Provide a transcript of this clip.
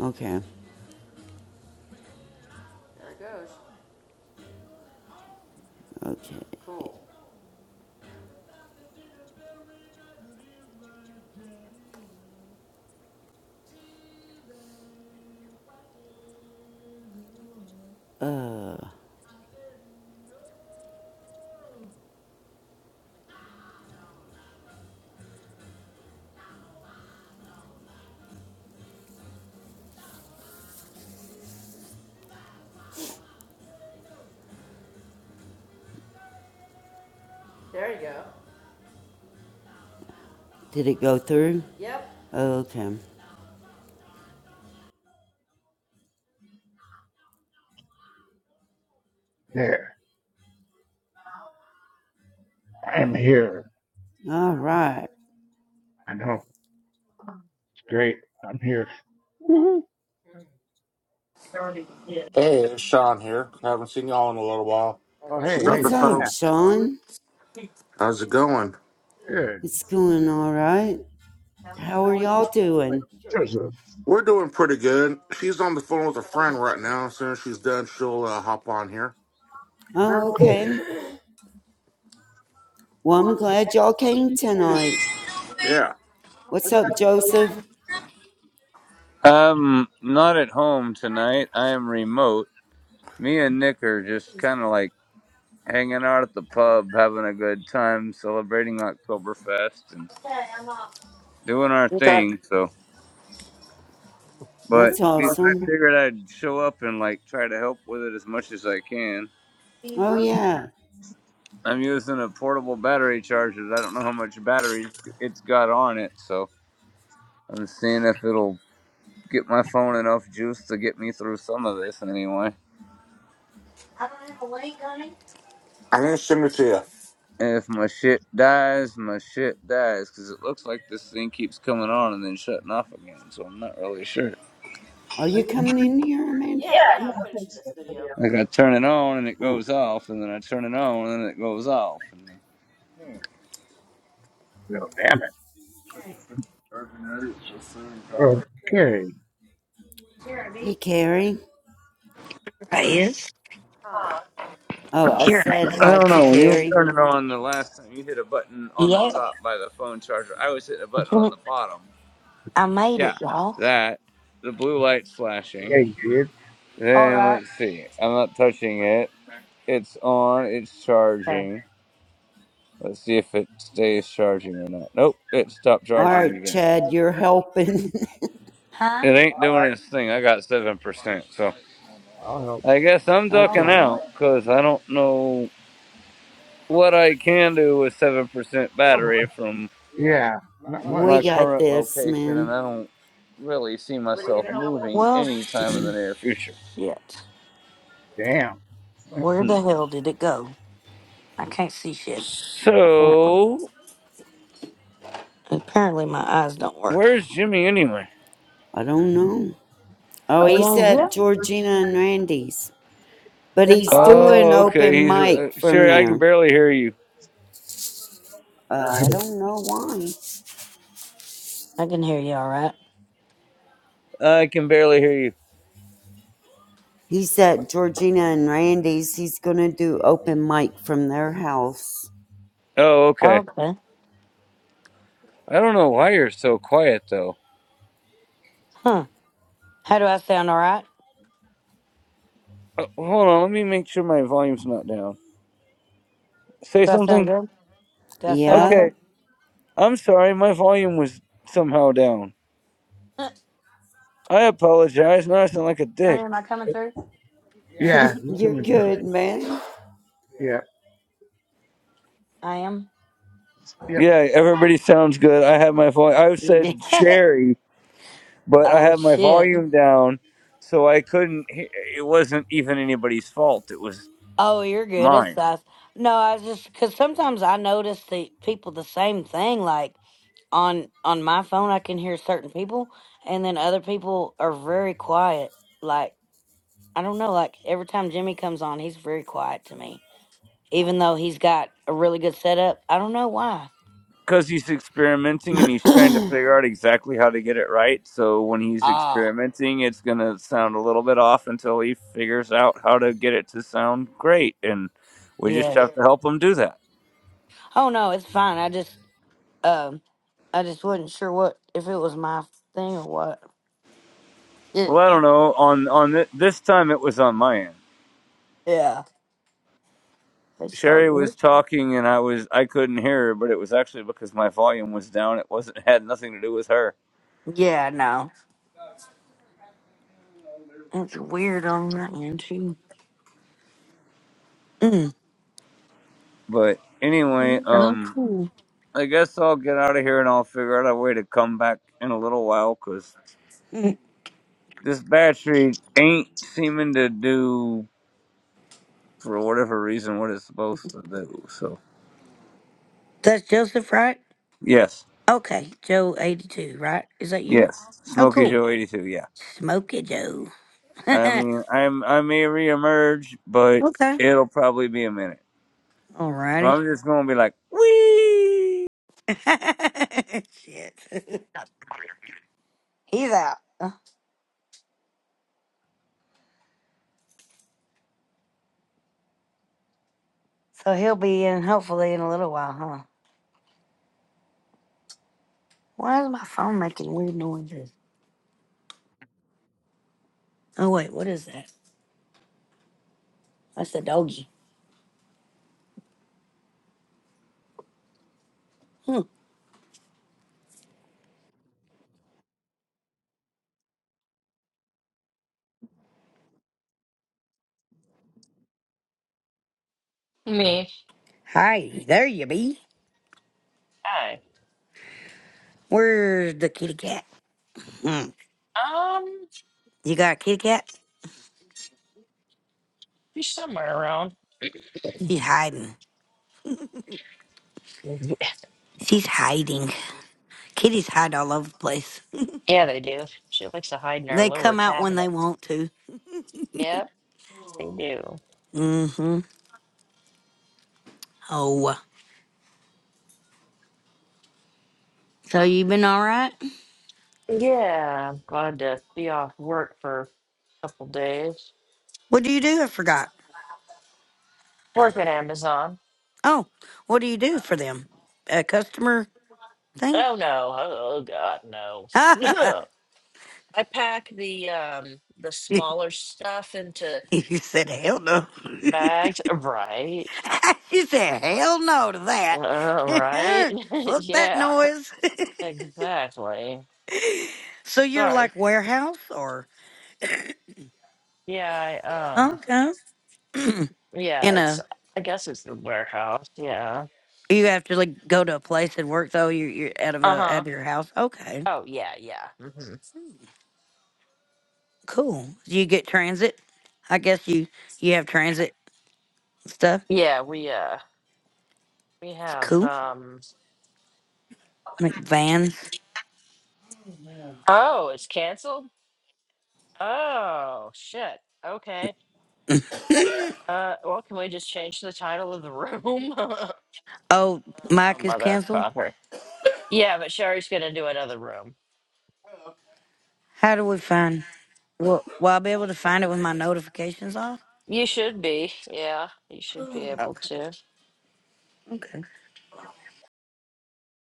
Okay. Okay. Did it go through? Oh, okay. There, I'm here. All right. I know it's great. I'm here. Hey, it's Sean here. Haven't seen y'all in a little while. Oh, She's hey, hey, on the What's up, phone. Sean? How's it going? good. It's going all right. How are y'all doing? Joseph. We're doing pretty good. She's on the phone with a friend right now. As soon as she's done, she'll uh, hop on here. Oh, okay. Well, I'm glad y'all came tonight. Yeah. What's up, Joseph? I'm not at home tonight. I am remote. Me and Nick are just kind of like hanging out at the pub, having a good time, celebrating Oktoberfest and doing our thing. So, but That's we, I awesome. figured I'd show up and like try to help with it as much as I can. Oh, yeah. I'm using a portable battery charger. I don't know how much battery it's got on it, so I'm seeing if it'll get my phone enough juice to get me through some of this anyway. I'm going to send it to you. And if my shit dies, my shit dies. Because it looks like this thing keeps coming on and then shutting off again. So I'm not really sure. Are you coming in here, Amanda? Yeah, yeah, I'm finishing this video. Like I turn it on and it Oh. goes off, and then I turn it on and it goes off. And then... Well, damn it. Okay. Hey, Carrie. I is Oh, I here. said I hi don't to know. When you Carrie. turn it on the last time, you hit a button on Yeah, the top by the phone charger. I was hitting a button on the bottom. I made Yeah, it, y'all. that. The blue light's Yeah, flashing. you did. All Then right. let's see. I'm not touching it. It's on. It's then. charging. Let's see if it stays charging or not. Nope, it stopped All charging right, again. Chad, you're helping. Huh? It ain't doing its thing. I got 7%. So I'll help. I guess I'm Oh, ducking okay. I know. out because I don't know what I can do with 7% battery from Yeah, not We my much. got current this, location, and man. I don't really see myself moving Well, anytime in the near future. shit. Damn. Uh, Where Hmm. the hell did it go? I can't see shit. Apparently, So, apparently my eyes don't work. where's Jimmy anyway? I don't know. Oh, He he's ain't here. at Georgina and Randy's, but he's Oh, doing Oh, okay. open He's uh, mic from Sherry. I can there. barely hear you. Uh, I don't know why. I can hear you all right. I can barely hear you. He's at Georgina and Randy's. He's gonna do open mic from their house. Oh, okay. Okay. I don't know why you're so quiet though. Huh? How do I sound? All right. Uh, hold on. Let me make sure my volume's not down. Say Do I sound something. good? Do I sound Yeah, okay? Okay, I'm sorry, my volume was somehow down. Uh, I apologize. Now I sound like a dick. Ernie, am I coming through? Yeah, you're you're coming through. good, man. Yeah. I am. yep. Okay. Yeah, everybody sounds good. I had my volume. I You did. said Cherry, but I oh had my shit. volume down, so I couldn't. he- It wasn't even anybody's fault. It was Oh, you're good. It's mine. us. No, I was just because sometimes I notice the people the same thing. Like on on my phone, I can hear certain people, and then other people are very quiet. Like I don't know. Like every time Jimmy comes on, he's very quiet to me, even though he's got a really good setup. I don't know why. Because he's experimenting and he's trying to figure out exactly how to get it right. So when he's Ah, experimenting, it's going to sound a little bit off until he figures out how to get it to sound great. And we just yeah. have to help him do that. Oh no, it's fine. I just um, I just wasn't sure what if it was my thing or what. It, Well, I don't know. On on th- this time, it was on my end. yeah, it's all Sherry good. was talking, and I was I couldn't hear her, but it was actually because my volume was down. It wasn't had nothing to do with her. Yeah, no. That's weird on that end too. Mm. But anyway, Oh, um, cool. I guess I'll get out of here and I'll figure out a way to come back in a little while because Mm. this battery ain't seeming to do for whatever reason what it's supposed to do. So That's Joseph, right? yes, Okay, Joe eighty-two, right? Is that you? yes, Oh, Smokey cool. Joe eighty two. Yeah, Smoke it, Joe. I okay. mean, I'm I may reemerge, but it'll probably be a minute. Alrighty. I'm just gonna be like, wee. Shit. He's out, Uh, so he'll be in hopefully in a little while, huh? Why is my phone making weird noises? Oh wait, what is that? That's the doggy. Hmm. Me. Hi, there you be. Hi. Where's the kitty cat? Hmm. Um, You got a kitty cat? she's somewhere around. She's hiding. She's hiding. Kitties hide all over the place. Yeah, they do. She likes to hide in our They lower come out when they cabinets. want to. Yep, they do. Mm-hmm. Oh. So you been all right? Yeah, I'm glad to be off work for a couple days. What do you do? I forgot. Work at Amazon. Oh, what do you do for them? A customer thing? Oh no! Oh, oh, God, no! I pack the um the you smaller stuff into said hell no. bags, right? you said hell no to Uh, that. right? Fuck that yeah, noise. exactly. so you're Sorry, like warehouse or Yeah, I, um, okay. In yeah, a it's, I guess it's the warehouse. Yeah. You have to like go to a place and work though. You're, you're out of a out Uh-huh. of your house. Okay, Oh, yeah, yeah. hmm cool. Do You get transit. I guess you you have transit stuff. Yeah, we, uh, we It's have, cool. um, Like vans. oh, it's canceled? Oh, shit. Okay. Uh, well, can we just change the title of the room? oh, Oh, Mike is canceled. motherfucker. Yeah, but Sherry's gonna do another room. How do we find? Will, will I be able to find it with my notifications off? You should be. Yeah, you should be able Okay. to. Okay.